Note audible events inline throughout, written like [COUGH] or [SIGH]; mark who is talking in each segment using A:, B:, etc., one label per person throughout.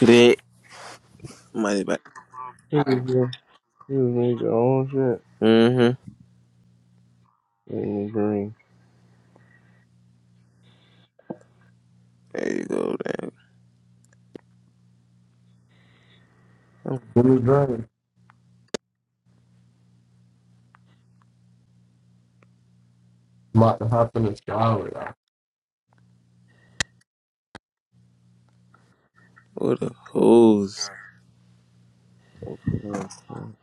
A: That.
B: He was just, he was making own shit
A: Mm-hmm.
B: in the green.
A: There you go, man.
C: Really drunk. I'm about to hop in the shower. Like,
A: What the hoes.
B: Uh, I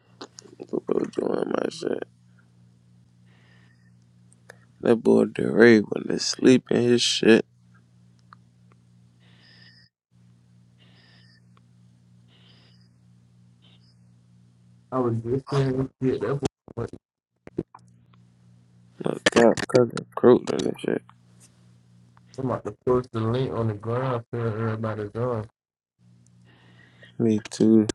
A: The bro doing my shit. That boy DeRay when they sleep in his shit.
C: I was just saying shit. That's what
A: Look out, cousin Crook on this shit.
C: I'm about to post the link on the ground for everybody's on.
A: Me too.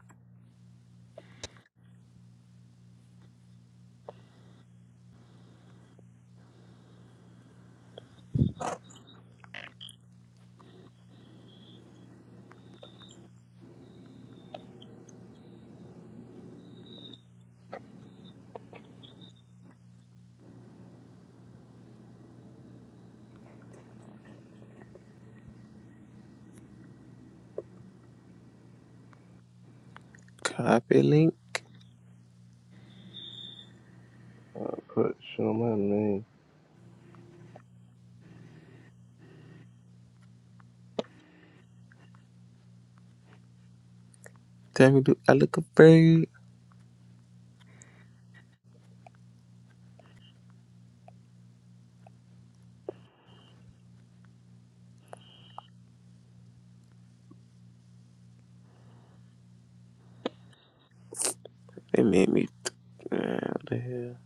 A: Copy link.
B: put shit on my name. [LAUGHS]
A: Tell me, do I look afraid? They made me. Th- Man, what the hell?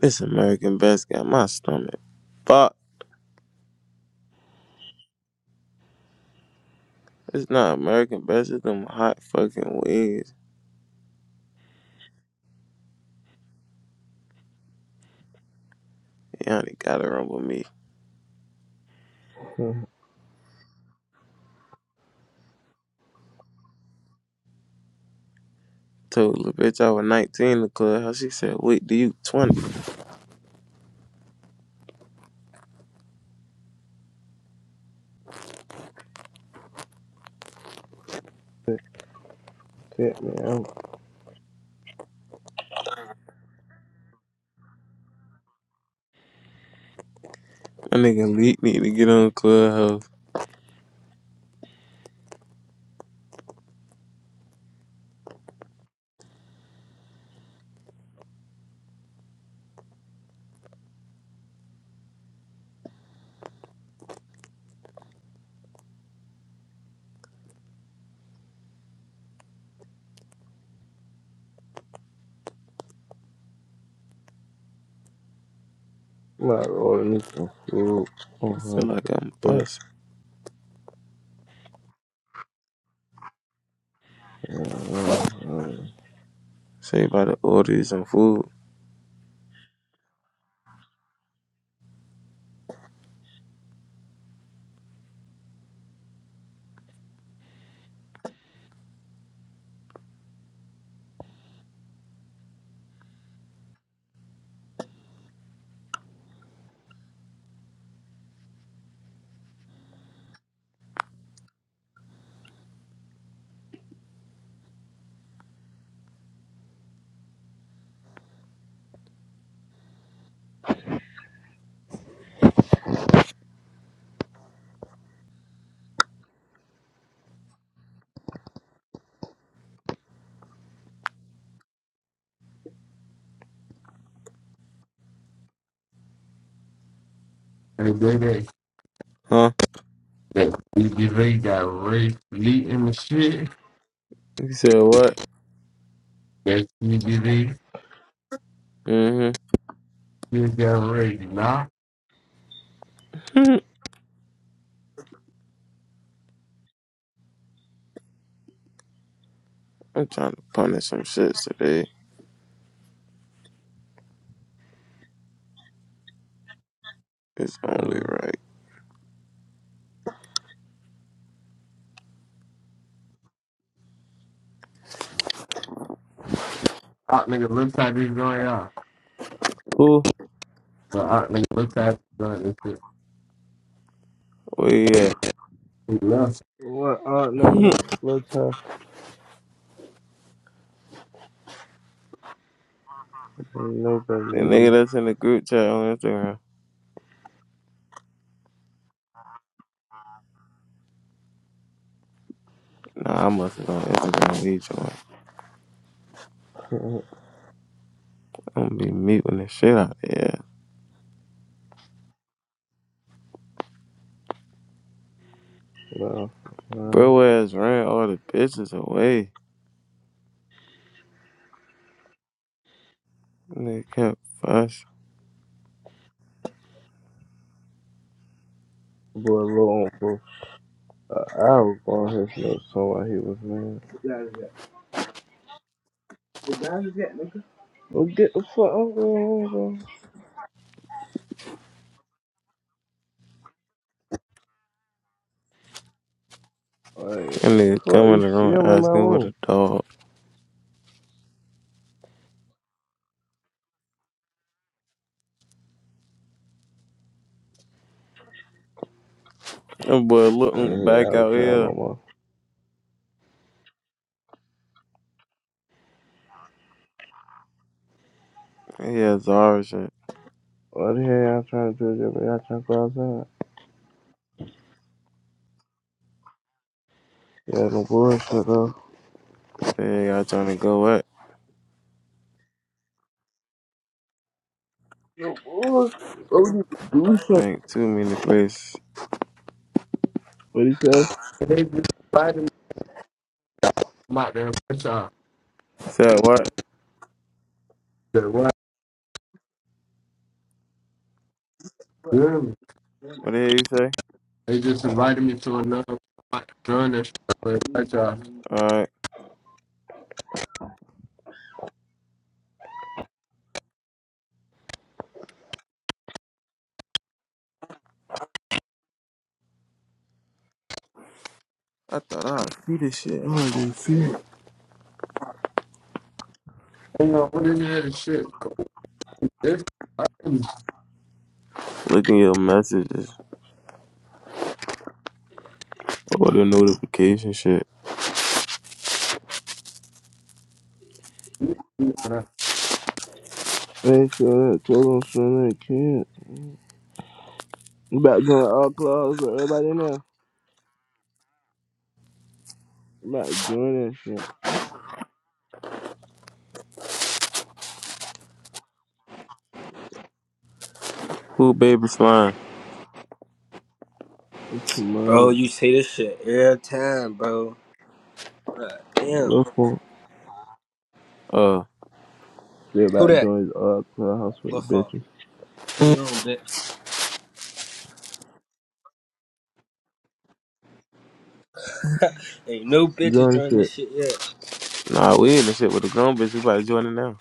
A: This American Best got my stomach. Fuck. It's not American Best. It's them hot fucking wings. Y'all got to run with me.
B: Uh,
A: Told the bitch I was 19 in the club. How she said, wait, do you 20?
B: Tip me out.
A: My nigga Leak need to get on Clubhouse.
B: I'm about to order me some food. Oh
A: I
B: my
A: feel like I'm
B: god.
A: busting.
B: Uh, uh, uh,
A: Say about to order you some food.
C: And then that
A: Huh?
C: that CBV got Ray Lee in the shit,
A: You said what?
C: that CBV
A: Mm-hmm.
C: just got Ray knocked.
A: [LAUGHS] I'm trying to punish some shits today. It's only
B: uh.
A: right.
C: Out nigga looks like he's going out.
A: Who?
C: But out nigga looks like he's going this shit.
A: Where you at?
C: He left.
B: what up,
A: [LAUGHS] the
B: nigga? Little tough. Ain't nobody
A: nigga
B: leave.
A: that's in the group chat on Instagram. Nah, I must have on Instagram with each one.
B: [LAUGHS]
A: I'm gonna be meeting the shit out there.
B: no. Uh,
A: Bro ass ran all the bitches away. Nigga kept fuss.
B: boy, low on for an hour on his notes on why he was mad. Well, get the fuck out of my Like,
A: That nigga
B: fuck,
A: come in
B: you
A: the
B: see
A: room
B: him in my
A: asking
B: room.
A: what a dog. That boy
B: Hey, I
A: looking
B: ain't
A: back
B: out of
A: out
B: town
A: here.
B: no more.
A: Yeah, Zara shit.
B: What the hell y'all trying to do? Jimmy? Y'all trying to go outside? Yeah, no bullshit though.
A: They ain't got trying to go what?
B: What you do shit?
A: ain't too many places.
B: What he say?
C: And they just invited me I'm out there and push off.
A: Said what?
C: They
A: What the hell you say?
C: just invited me to another like, during this. shit, I'm out there and push off.
A: Alright. I thought I'd see this shit. I didn't see it.
C: Hang on, what is that shit? This,
A: Look in your messages or the notification shit.
C: I,
B: I Ain't sure that told him sure that kid. You about to join all clubs with everybody in there? You about to join that shit.
A: Who baby slime?
B: It's too
D: Bro,
B: much.
D: you say this shit every time, bro. God damn.
B: Look for
A: Uh,
B: They
D: Who
B: about to
D: that?
B: join his all clubhouse with the
D: Lil Funk.
B: bitches.
D: Hey, yo, bitch. Ain't no bitches
B: Join the
D: doing
B: shit.
D: this shit yet.
A: nah, we in the shit with the grown bitch. We about to join it now.